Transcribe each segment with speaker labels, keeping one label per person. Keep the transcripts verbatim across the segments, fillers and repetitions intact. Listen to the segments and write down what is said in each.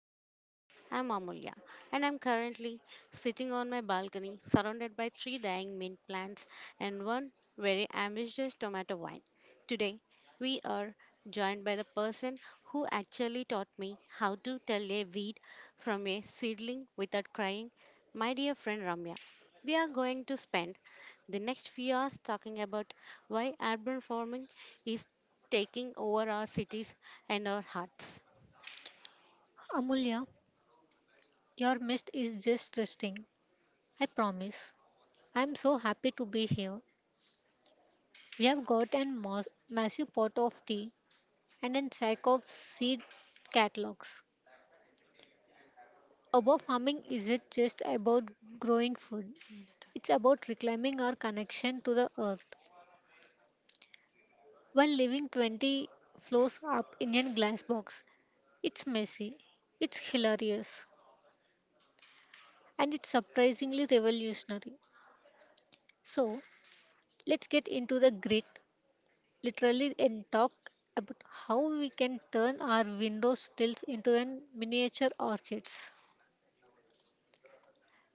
Speaker 1: Harvest. I'm Amulya and I'm currently sitting on my balcony surrounded by three dying mint plants and one very ambitious tomato vine. Today we are joined by the person who actually taught me how to tell a weed from a seedling without crying, my dear friend Ramya. We are going to spend the next few hours talking about why urban farming is taking over our cities and our hearts.
Speaker 2: Amulya, your mist is just resting. I promise. I am so happy to be here. We have got a mas- massive pot of tea and a sack of seed catalogs. Above farming isn't just about growing food. It's about reclaiming our connection to the earth while living twenty floors up in a glass box. It's messy, it's hilarious, and it's surprisingly revolutionary. So, let's get into the grit literally and talk about how we can turn our window stills into an miniature orchids.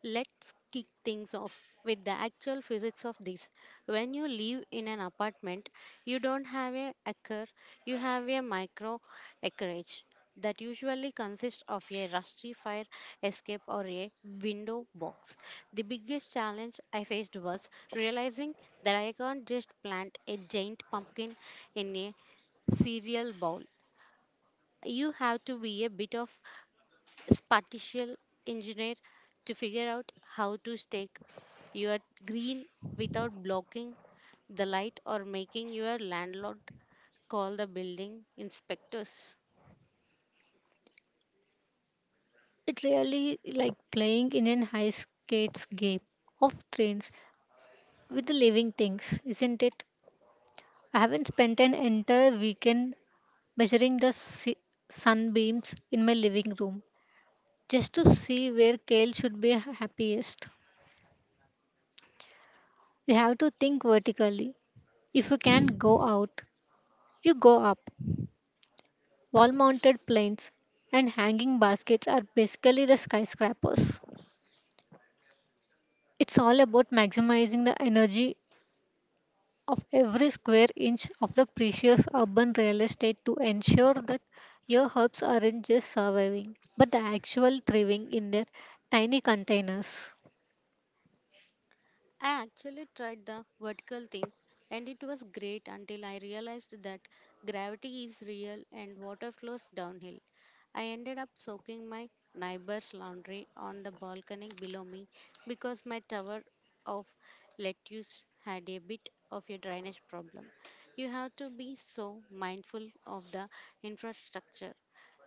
Speaker 1: Let's kick things off with the actual physics of this. When you live in an apartment, you don't have a acre, you have a micro acreage that usually consists of a rusty fire escape or a window box. The biggest challenge I faced was realizing that I can't just plant a giant pumpkin in a cereal bowl. You have to be a bit of spatial engineer to figure out how to stake your green without blocking the light or making your landlord call the building inspectors.
Speaker 2: It really like playing in an ice skates game of trains with the living things, isn't it? I haven't spent an entire weekend measuring the si- sunbeams in my living room just to see where kale should be happiest. We have to think vertically. If you can't go out, you go up. Wall mounted planes and hanging baskets are basically the skyscrapers. It's all about maximizing the energy of every square inch of the precious urban real estate to ensure that your herbs aren't just surviving, but the actual thriving in their tiny containers.
Speaker 1: I actually tried the vertical thing and it was great until I realized that gravity is real and water flows downhill. I ended up soaking my neighbor's laundry on the balcony below me because my tower of lettuce had a bit of a drainage problem. You have to be so mindful of the infrastructure.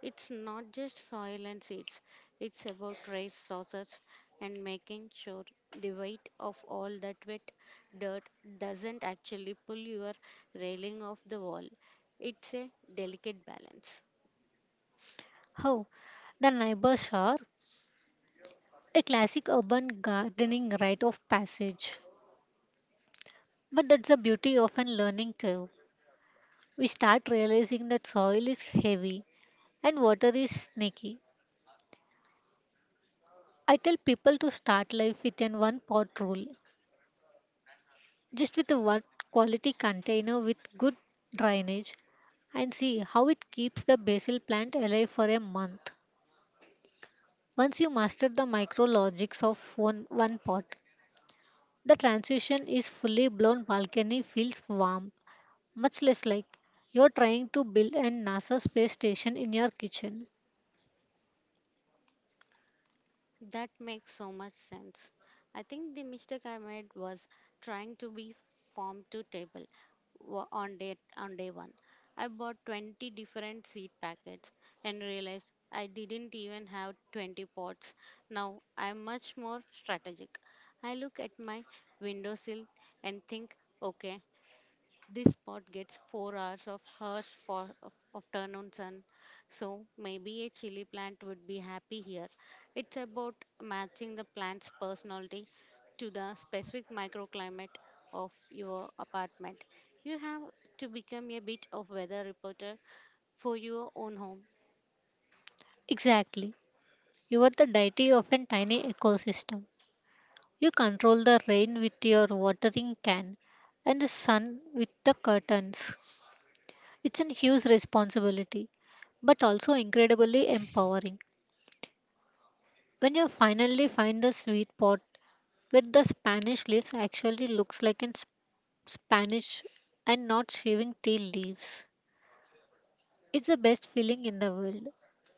Speaker 1: It's not just soil and seeds, it's about rice sources and making sure the weight of all that wet dirt doesn't actually pull your railing off the wall. It's a delicate balance.
Speaker 2: How? The neighbors are a classic urban gardening rite of passage. But that's the beauty of a learning curve. We start realizing that soil is heavy and water is sneaky. I tell people to start life with an one pot rule, just with a one quality container with good drainage and see how it keeps the basil plant alive for a month. Once you master the micrologics of one, one pot, the transition is fully blown balcony feels warm, much less like you're trying to build a NASA space station in your kitchen.
Speaker 1: That makes so much sense. I think the mistake I made was trying to be farm to table wa- on day on day one. I bought twenty different seed packets and realized I didn't even have twenty pots. Now I'm much more strategic. I look at my windowsill and think, okay, this spot gets four hours of harsh for, of, of turn on sun, so maybe a chili plant would be happy here. It's about matching the plant's personality to the specific microclimate of your apartment. You have to become a bit of weather reporter for your own home.
Speaker 2: Exactly. You are the deity of a tiny ecosystem. You control the rain with your watering can and the sun with the curtains. It's a huge responsibility, but also incredibly empowering. When you finally find the sweet spot where the Spanish leaves actually looks like in Spanish and not shaving tea leaves. It's the best feeling in the world.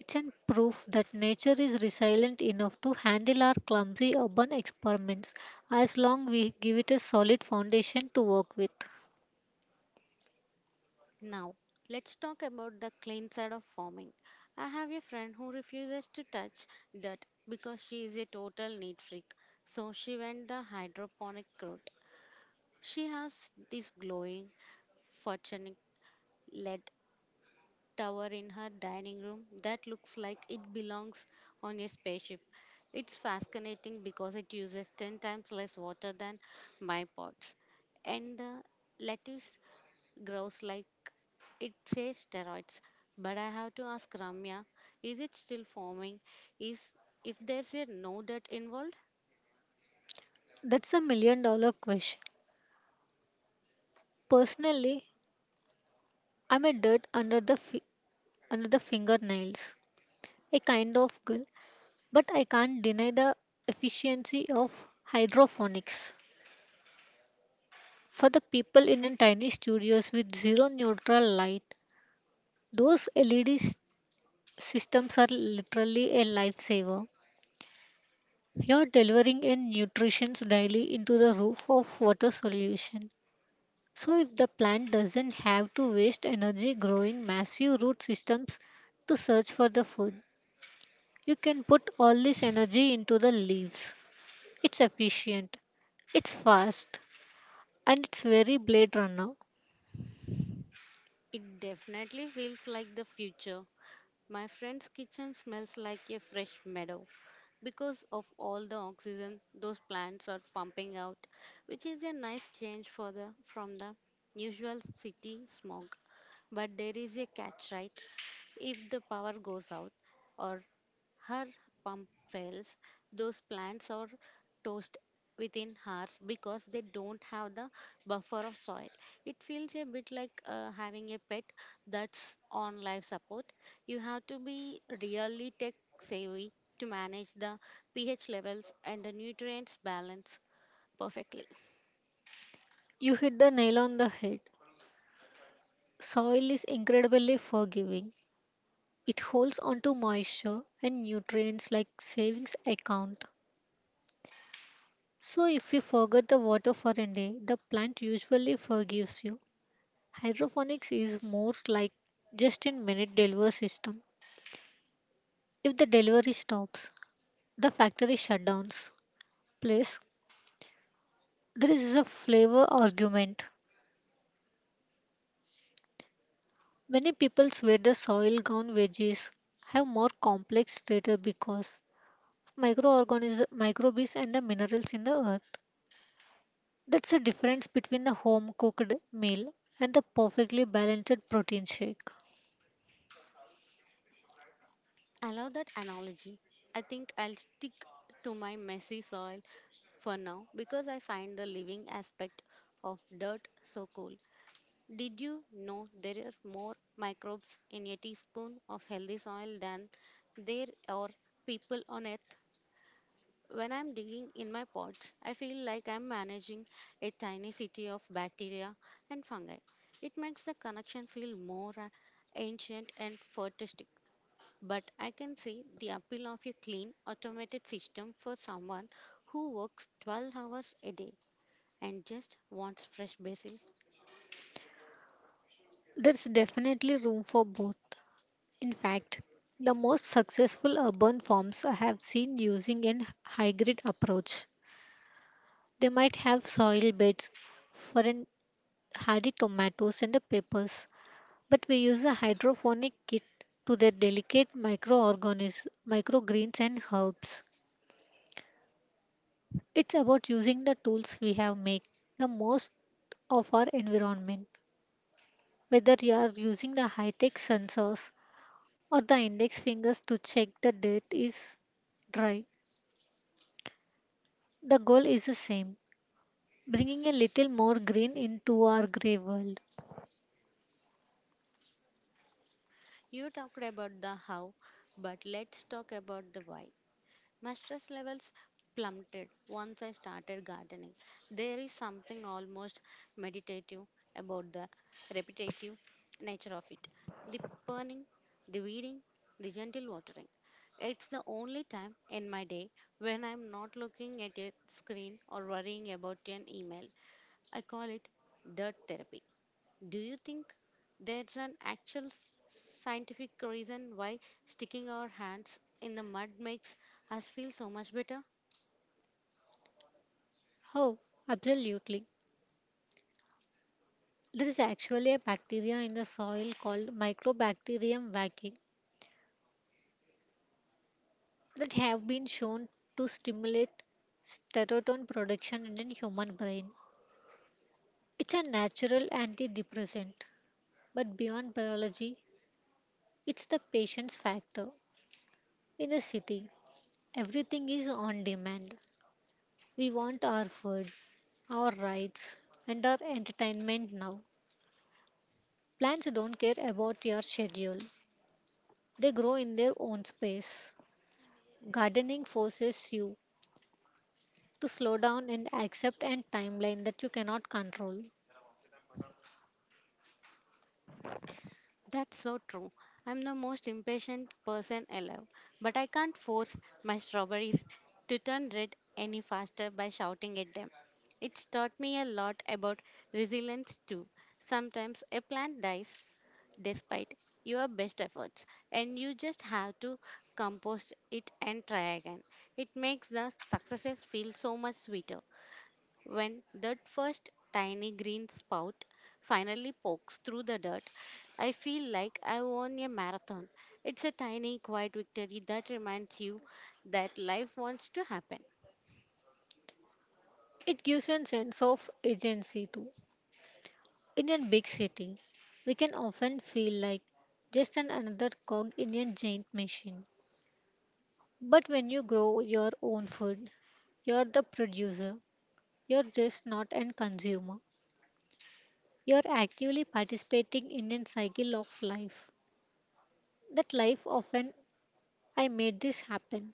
Speaker 2: It's an proof that nature is resilient enough to handle our clumsy urban experiments as long we give it a solid foundation to work with.
Speaker 1: Now, let's talk about the clean side of farming. I have a friend who refuses to touch dirt because she is a total neat freak. So she went the hydroponic route. She has this glowing, photonic L E D tower in her dining room that looks like it belongs on a spaceship. It's fascinating because it uses ten times less water than my pots. And the lettuce grows like it says steroids. But I have to ask Ramya, is it still forming? Is if there's a no dirt involved?
Speaker 2: That's a million dollar question. Personally, I'm a dirt under the fi- under the fingernails, a kind of girl, but I can't deny the efficiency of hydroponics. For the people in a tiny studios with zero neutral light, those L E Ds systems are literally a lifesaver. You're delivering in nutrients daily into the roof of water solution. So if the plant doesn't have to waste energy growing massive root systems to search for the food, you can put all this energy into the leaves. It's efficient, it's fast, and it's very blade runner.
Speaker 1: It definitely feels like the future. My friend's kitchen smells like a fresh meadow because of all the oxygen those plants are pumping out, which is a nice change for the from the usual city smog. But there is a catch, right? If the power goes out or her pump fails. Those plants are toast within hours because they don't have the buffer of soil. It feels a bit like uh, having a pet that's on life support. You have to be really tech savvy to manage the pH levels and the nutrients balance perfectly.
Speaker 2: You hit the nail on the head. Soil is incredibly forgiving. It holds onto moisture and nutrients like savings account. So if you forget the water for a day, the plant usually forgives you. Hydroponics is more like just in minute delivery system. If the delivery stops, the factory shutdowns. Plus, there is a flavor argument. Many people swear the soil grown veggies have more complex strata because of microorganisms, microbes and the minerals in the earth. That's the difference between the home cooked meal and the perfectly balanced protein shake.
Speaker 1: I love that analogy. I think I'll stick to my messy soil for now because I find the living aspect of dirt so cool. Did you know there are more microbes in a teaspoon of healthy soil than there are people on earth? When I'm digging in my pots, I feel like I'm managing a tiny city of bacteria and fungi. It makes the connection feel more uh, ancient and futuristic. But I can see the appeal of a clean, automated system for someone who works twelve hours a day and just wants fresh basil.
Speaker 2: There's definitely room for both. In fact, the most successful urban farms I have seen using an hybrid approach. They might have soil beds for an hardy tomatoes and the peppers, but we use a hydroponic kit to their delicate microorganisms, microgreens and herbs. It's about using the tools we have make the most of our environment. Whether you are using the high-tech sensors or the index fingers to check the dirt is dry, the goal is the same, bringing a little more green into our gray world.
Speaker 1: You talked about the how, but let's talk about the why. My stress levels plummeted once I started gardening. There is something almost meditative about the repetitive nature of it. The pruning, the weeding, the gentle watering. It's the only time in my day when I'm not looking at a screen or worrying about an email. I call it dirt therapy. Do you think there's an actual s- scientific reason why sticking our hands in the mud makes us feel so much better?
Speaker 2: Oh, absolutely. There is actually a bacteria in the soil called Microbacterium vaccae that have been shown to stimulate serotonin production in the human brain. It's a natural antidepressant, but beyond biology, it's the patience factor. In a city, everything is on demand. We want our food, our rights, and our entertainment now. Plants don't care about your schedule, they grow in their own space. Gardening forces you to slow down and accept a timeline that you cannot control.
Speaker 1: That's so true. I'm the most impatient person alive, but I can't force my strawberries to turn red any faster by shouting at them. It's taught me a lot about resilience too. Sometimes a plant dies despite your best efforts and you just have to compost it and try again. It makes the successes feel so much sweeter when that first tiny green spout finally pokes through the dirt. I feel like I won a marathon. It's a tiny quiet victory that reminds you that life wants to happen.
Speaker 2: It gives you a sense of agency too. In a big city, we can often feel like just an another cog in a giant machine. But when you grow your own food, you're the producer. You're just not an consumer. You're actively participating in a cycle of life. That life often I made this happen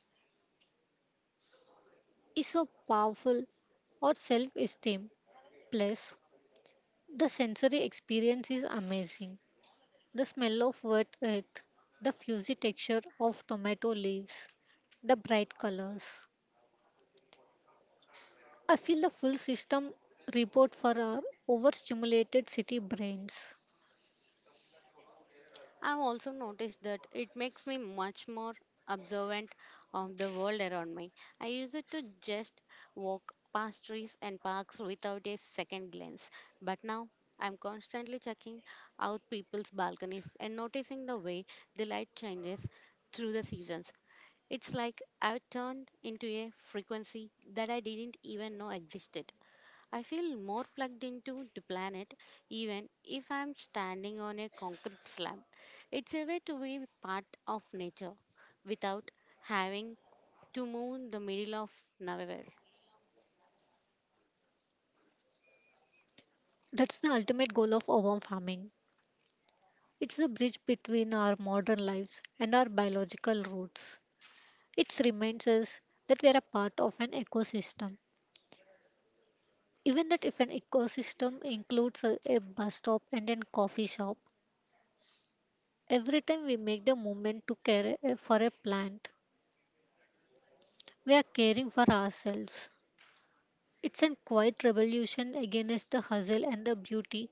Speaker 2: is so powerful or self esteem. Plus, the sensory experience is amazing. The smell of wet earth, the fuzzy texture of tomato leaves, the bright colors. I feel the full system report for our overstimulated city brains.
Speaker 1: I've also noticed that it makes me much more observant of the world around me. I used to just walk past trees and parks without a second glance, but now I'm constantly checking out people's balconies and noticing the way the light changes through the seasons. It's like I've turned into a frequency that I didn't even know existed. I feel more plugged into the planet even if I'm standing on a concrete slab. It's a way to be part of nature without having to move in the middle of nowhere.
Speaker 2: That's the ultimate goal of urban farming. It's the bridge between our modern lives and our biological roots. It reminds us that we are a part of an ecosystem. Even that if an ecosystem includes a, a bus stop and a coffee shop, every time we make the movement to care uh, for a plant, we are caring for ourselves. It's a quiet revolution against the hustle and the beauty,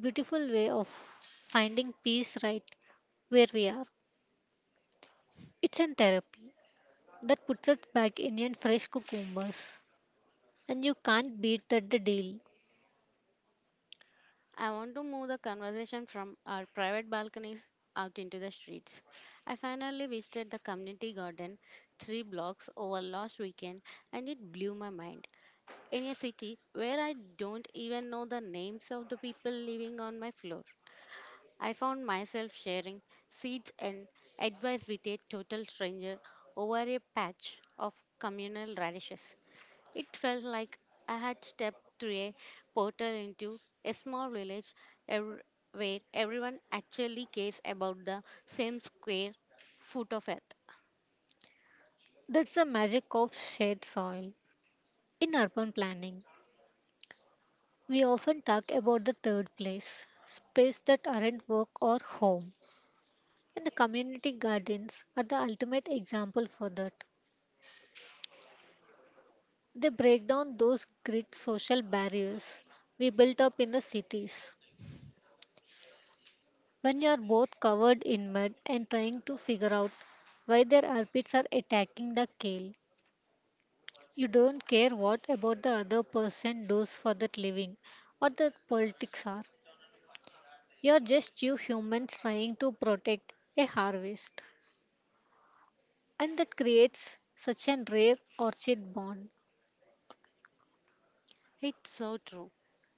Speaker 2: beautiful way of finding peace right where we are. It's a therapy that puts us back in a fresh cucumbers, and you can't beat that the deal.
Speaker 1: I want to move the conversation from our private balconies out into the streets. I finally visited the community garden three blocks over last weekend and it blew my mind. In a city where I don't even know the names of the people living on my floor, I found myself sharing seeds and advice with a total stranger over a patch of communal radishes. It felt like I had stepped through a portal into a small village ev- where everyone actually cares about the same square foot of earth.
Speaker 2: That's the magic of shared soil. In urban planning, we often talk about the third place, space that aren't work or home. And the community gardens are the ultimate example for that. They break down those great social barriers we built up in the cities. When you are both covered in mud and trying to figure out why their armpits are attacking the kale, you don't care what about the other person does for that living or the politics are. You are just you humans trying to protect a harvest. And that creates such an rare orchid bond.
Speaker 1: It's so true.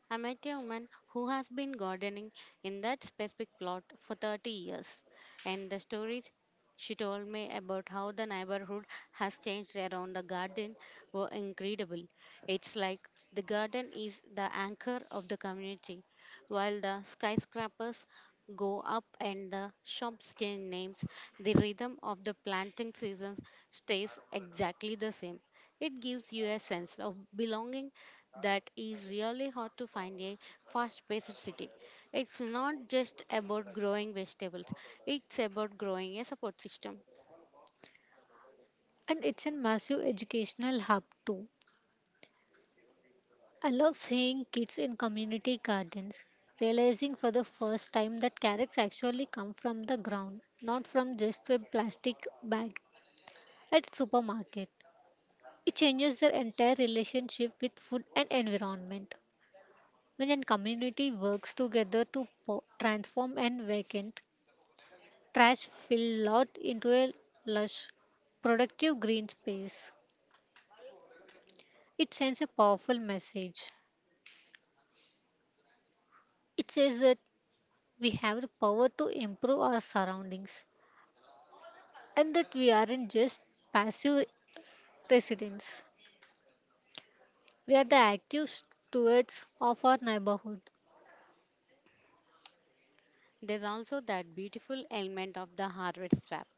Speaker 1: I met a woman who has been gardening in that specific plot for thirty years, and the stories she told me about how the neighborhood has changed around the garden were incredible. It's like the garden is the anchor of the community, while the skyscrapers go up and the shops change names, the rhythm of the planting season stays exactly the same. It gives you a sense of belonging that is really hard to find a fast-paced city. It's not just about growing vegetables, it's about growing a support system.
Speaker 2: And it's a massive educational hub too. I love seeing kids in community gardens realizing for the first time that carrots actually come from the ground, not from just a plastic bag at supermarket. It changes their entire relationship with food and environment. When a community works together to po- transform an vacant trash filled lot into a lush, productive green space, it sends a powerful message. It says that we have the power to improve our surroundings and that we aren't just passive residents. We are the active stewards of our neighborhood.
Speaker 1: There's also that beautiful element of the harvest wrap.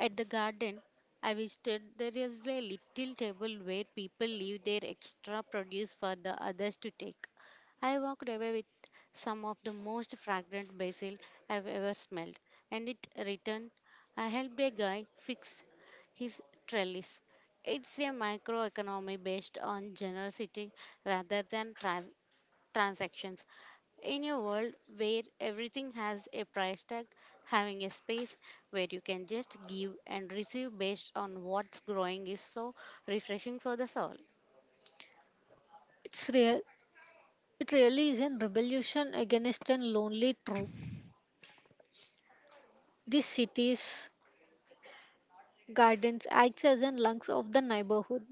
Speaker 1: At the garden I visited, there is a little table where people leave their extra produce for the others to take. I walked away with some of the most fragrant basil I've ever smelled, and it returned. I helped a guy fix his trellis. It's a microeconomy based on generosity rather than tra- transactions. In a world where everything has a price tag, having a space where you can just give and receive based on what's growing is so refreshing for the soul.
Speaker 2: It's real, it really is a revolution against a lonely trope. These cities, gardens acts as the lungs of the neighborhood,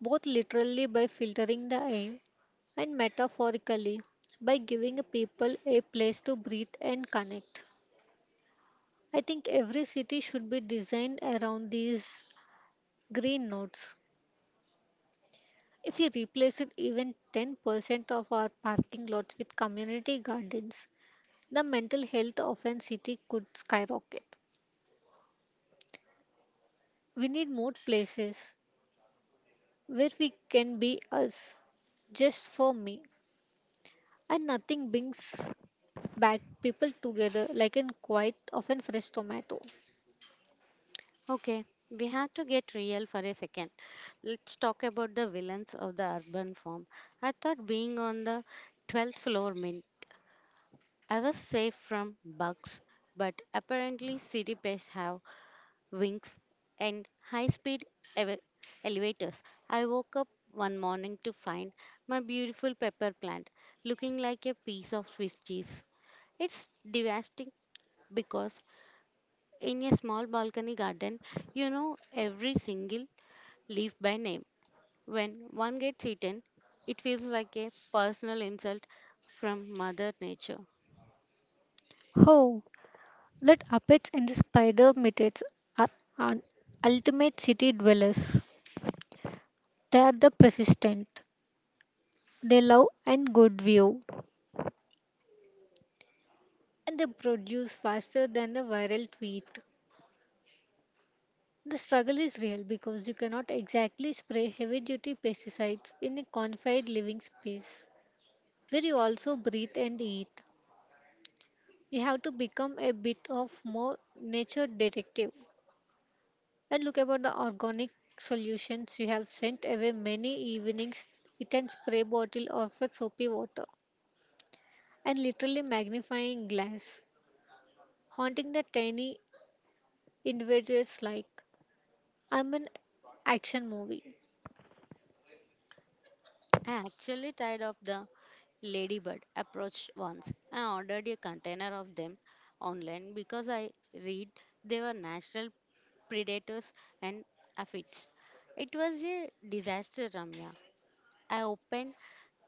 Speaker 2: both literally by filtering the air and metaphorically by giving people a place to breathe and connect. I think every city should be designed around these Green notes. If we replaced even ten percent of our parking lots with community gardens, the mental health of a city could skyrocket. We need more places where we can be us, just for me, and nothing brings back people together like in quite often fresh tomato.
Speaker 1: Okay, we have to get real for a second. Let's talk about the villains of the urban form. I thought being on the twelfth floor meant I was safe from bugs, but apparently city pests have wings, and high speed ev- elevators. I woke up one morning to find my beautiful pepper plant looking like a piece of Swiss cheese. It's devastating because in a small balcony garden, you know every single leaf by name. When one gets eaten, it feels like a personal insult from Mother Nature.
Speaker 2: How let apets and the spider mites are, are ultimate city dwellers. They are the persistent. They love and good view and they produce faster than the viral tweet. The struggle is real because you cannot exactly spray heavy duty pesticides in a confined living space where you also breathe and eat. You have to become a bit of more nature detective and look about the organic solutions you have sent away many evenings with a spray bottle of a soapy water and literally magnifying glass haunting the tiny invaders like, I'm an action movie.
Speaker 1: I actually tired of the ladybird approach once. I ordered a container of them online because I read they were natural predators and aphids. It was a disaster, Ramya. I opened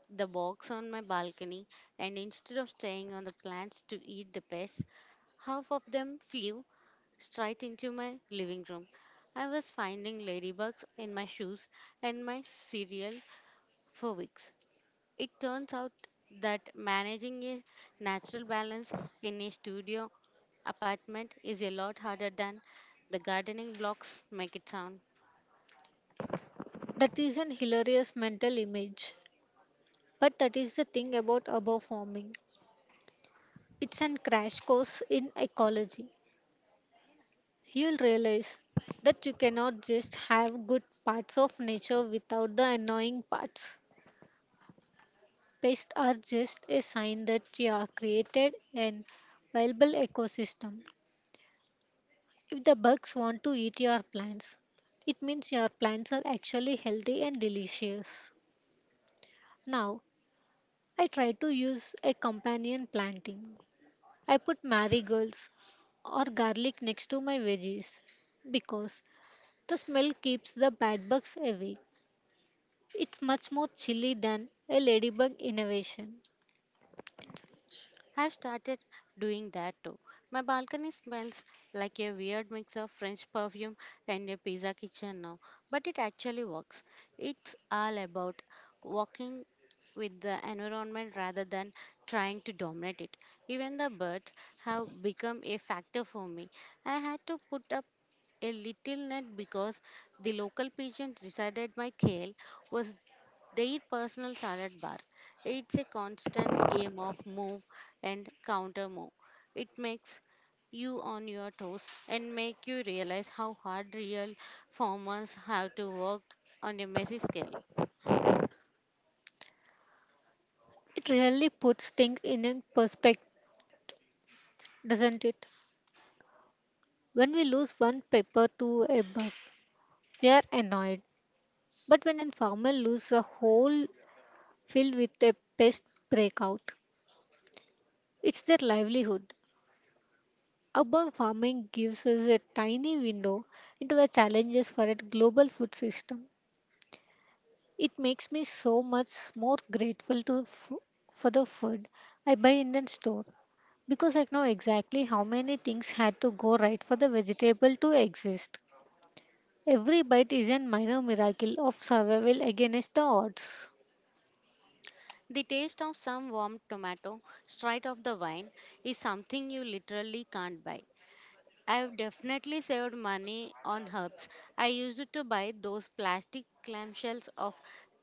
Speaker 1: the box on my balcony and instead of staying on the plants to eat the pests, half of them flew straight into my living room. I was finding ladybugs in my shoes and my cereal for weeks. It turns out that managing a natural balance in a studio apartment is a lot harder than the gardening blocks make it sound.
Speaker 2: That is an hilarious mental image. But that is the thing about above farming. It's an crash course in ecology. You'll realize that you cannot just have good parts of nature without the annoying parts. Pests are just a sign that you are created an viable ecosystem. If the bugs want to eat your plants, it means your plants are actually healthy and delicious. Now, I try to use a companion planting. I put marigolds or garlic next to my veggies because the smell keeps the bad bugs away. It's much more chilly than a ladybug innovation.
Speaker 1: I've started doing that too. My balcony smells like a weird mix of French perfume and a pizza kitchen now, but it actually works. It's all about walking with the environment rather than trying to dominate it. Even the birds have become a factor for me. I had to put up a little net because the local pigeons decided my kale was they eat personal salad bar. It's a constant game of move and counter move. It makes you on your toes and make you realize how hard real farmers have to work on a messy scale.
Speaker 2: It really puts things in a perspective, doesn't it? When we lose one pepper to a bug, we are annoyed. But when a farmer loses a whole field with a pest breakout, it's their livelihood. Urban farming gives us a tiny window into the challenges for a global food system. It makes me so much more grateful to f- for the food I buy in the store because I know exactly how many things had to go right for the vegetable to exist. Every bite is a minor miracle of survival against the odds.
Speaker 1: The taste of some warm tomato straight off the vine is something you literally can't buy. I've definitely saved money on herbs. I used to buy those plastic clamshells of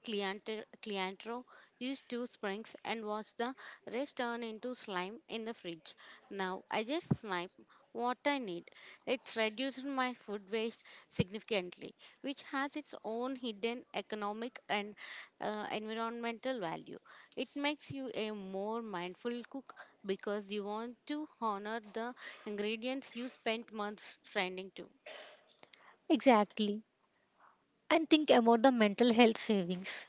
Speaker 1: Clianter- Cliantro, use two springs, and watch the rest turn into slime in the fridge. Now I just snipe what I need. It's reduced my food waste significantly, which has its own hidden economic and uh, environmental value. It makes you a more mindful cook because you want to honor the ingredients you spent months trending to.
Speaker 2: Exactly. And think about the mental health savings.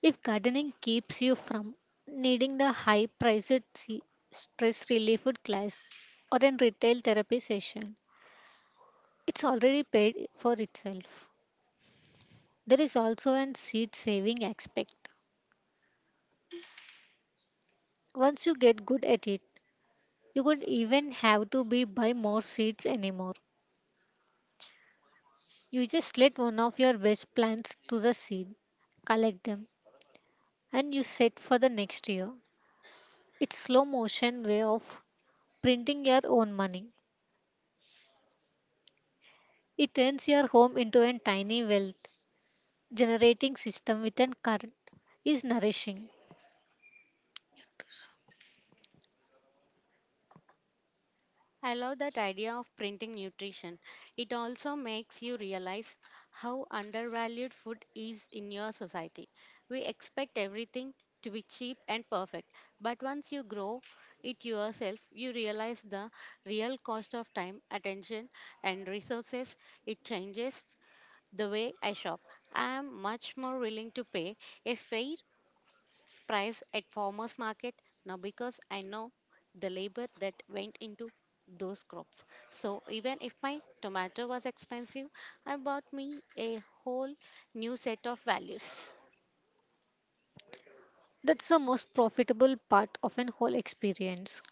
Speaker 2: If gardening keeps you from needing the high priced se- stress relief class or a retail therapy session, it's already paid for itself. There is also an seed saving aspect. Once you get good at it, you could even have to be buy more seeds anymore. You just let one of your best plants to the seed, collect them, and you set for the next year. It's slow motion way of printing your own money. It turns your home into a tiny wealth generating system with an current is nourishing.
Speaker 1: I love that idea of printing nutrition. It also makes you realize how undervalued food is in your society. We expect everything to be cheap and perfect, but once you grow it yourself, you realize the real cost of time, attention, and resources. It changes the way I shop. I am much more willing to pay a fair price at farmers market now because I know the labor that went into those crops. So even if my tomato was expensive, I bought me a whole new set of values.
Speaker 2: That's the most profitable part of an whole experience.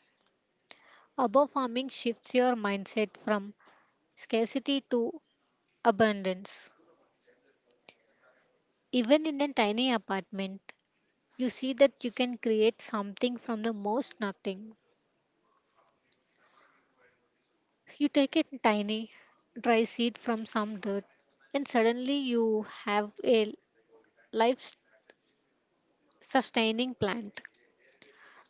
Speaker 2: Above farming shifts your mindset from scarcity to abundance. Even in a tiny apartment, you see that you can create something from the most nothing. You take a tiny, dry seed from some dirt, and suddenly you have a life sustaining plant.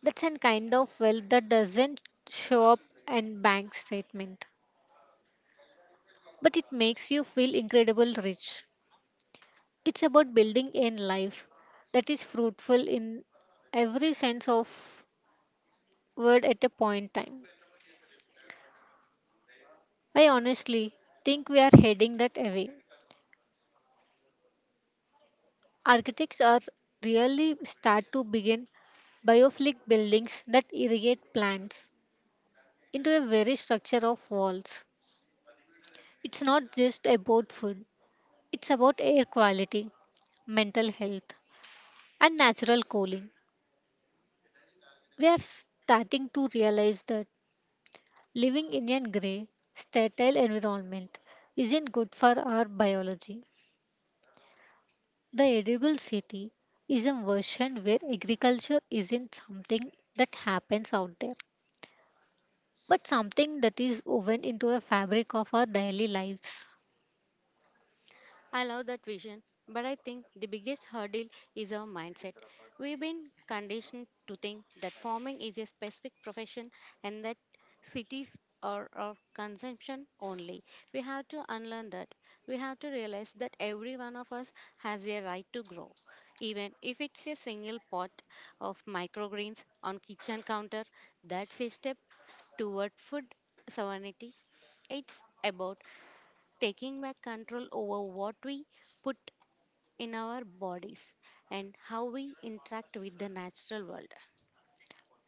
Speaker 2: That's a kind of wealth that doesn't show up in bank statement, but it makes you feel incredible rich. It's about building a life that is fruitful in every sense of word at a point time. I honestly think we are heading that away. Architects are really start to begin biophilic buildings that irrigate plants into a very structure of walls. It's not just about food, it's about air quality, mental health, and natural cooling. We are starting to realize that living in a grey, sterile environment isn't good for our biology. The edible city is a version where agriculture isn't something that happens out there, but something that is woven into a fabric of our daily lives.
Speaker 1: I love that vision, but I think the biggest hurdle is our mindset. We've been conditioned to think that farming is a specific profession and that cities are of consumption only. We have to unlearn that. We have to realize that every one of us has a right to grow, even if it's a single pot of microgreens on kitchen counter. That's a step toward food sovereignty. It's about taking back control over what we put in our bodies and how we interact with the natural world.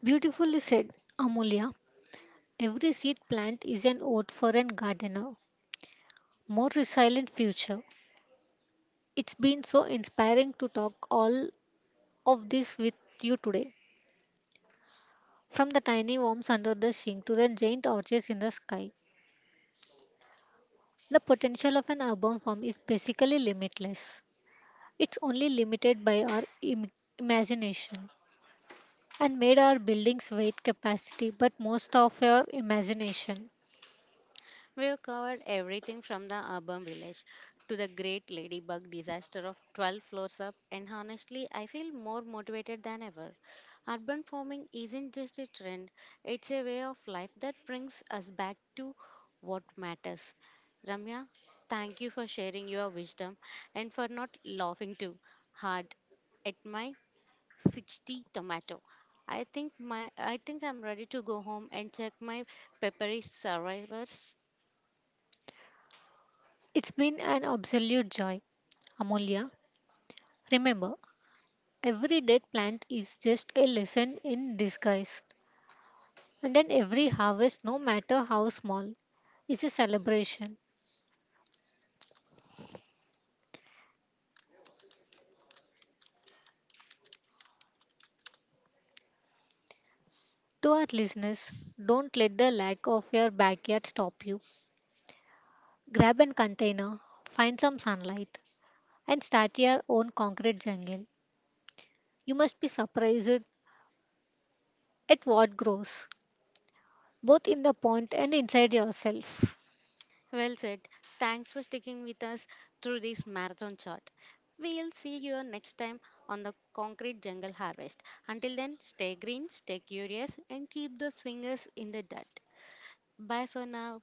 Speaker 2: Beautifully said, Amulya. Every seed plant is an ode for a gardener, more resilient future. It's been so inspiring to talk all of this with you today. From the tiny worms under the sink to the giant orchids in the sky, the potential of an urban farm is basically limitless. It's only limited by our Im- imagination and made our building's weight capacity, but most of our imagination.
Speaker 1: We have covered everything from the urban village to the great ladybug disaster of twelve floors up, and honestly, I feel more motivated than ever. Urban farming isn't just a trend, it's a way of life that brings us back to what matters. Ramya, thank you for sharing your wisdom and for not laughing too hard at my sixty tomato. I think my I think I'm ready to go home and check my peppery survivors.
Speaker 2: It's been an absolute joy. Amulya, remember, every dead plant is just a lesson in disguise. And then every harvest, no matter how small, is a celebration. To our listeners, don't let the lack of your backyard stop you. Grab a container, find some sunlight, and start your own concrete jungle. You must be surprised at what grows, both in the pond and inside yourself.
Speaker 1: Well said. Thanks for sticking with us through this marathon shot. We'll see you next time on the concrete jungle harvest. Until then, stay green, stay curious, and keep those fingers in the dirt. Bye for now.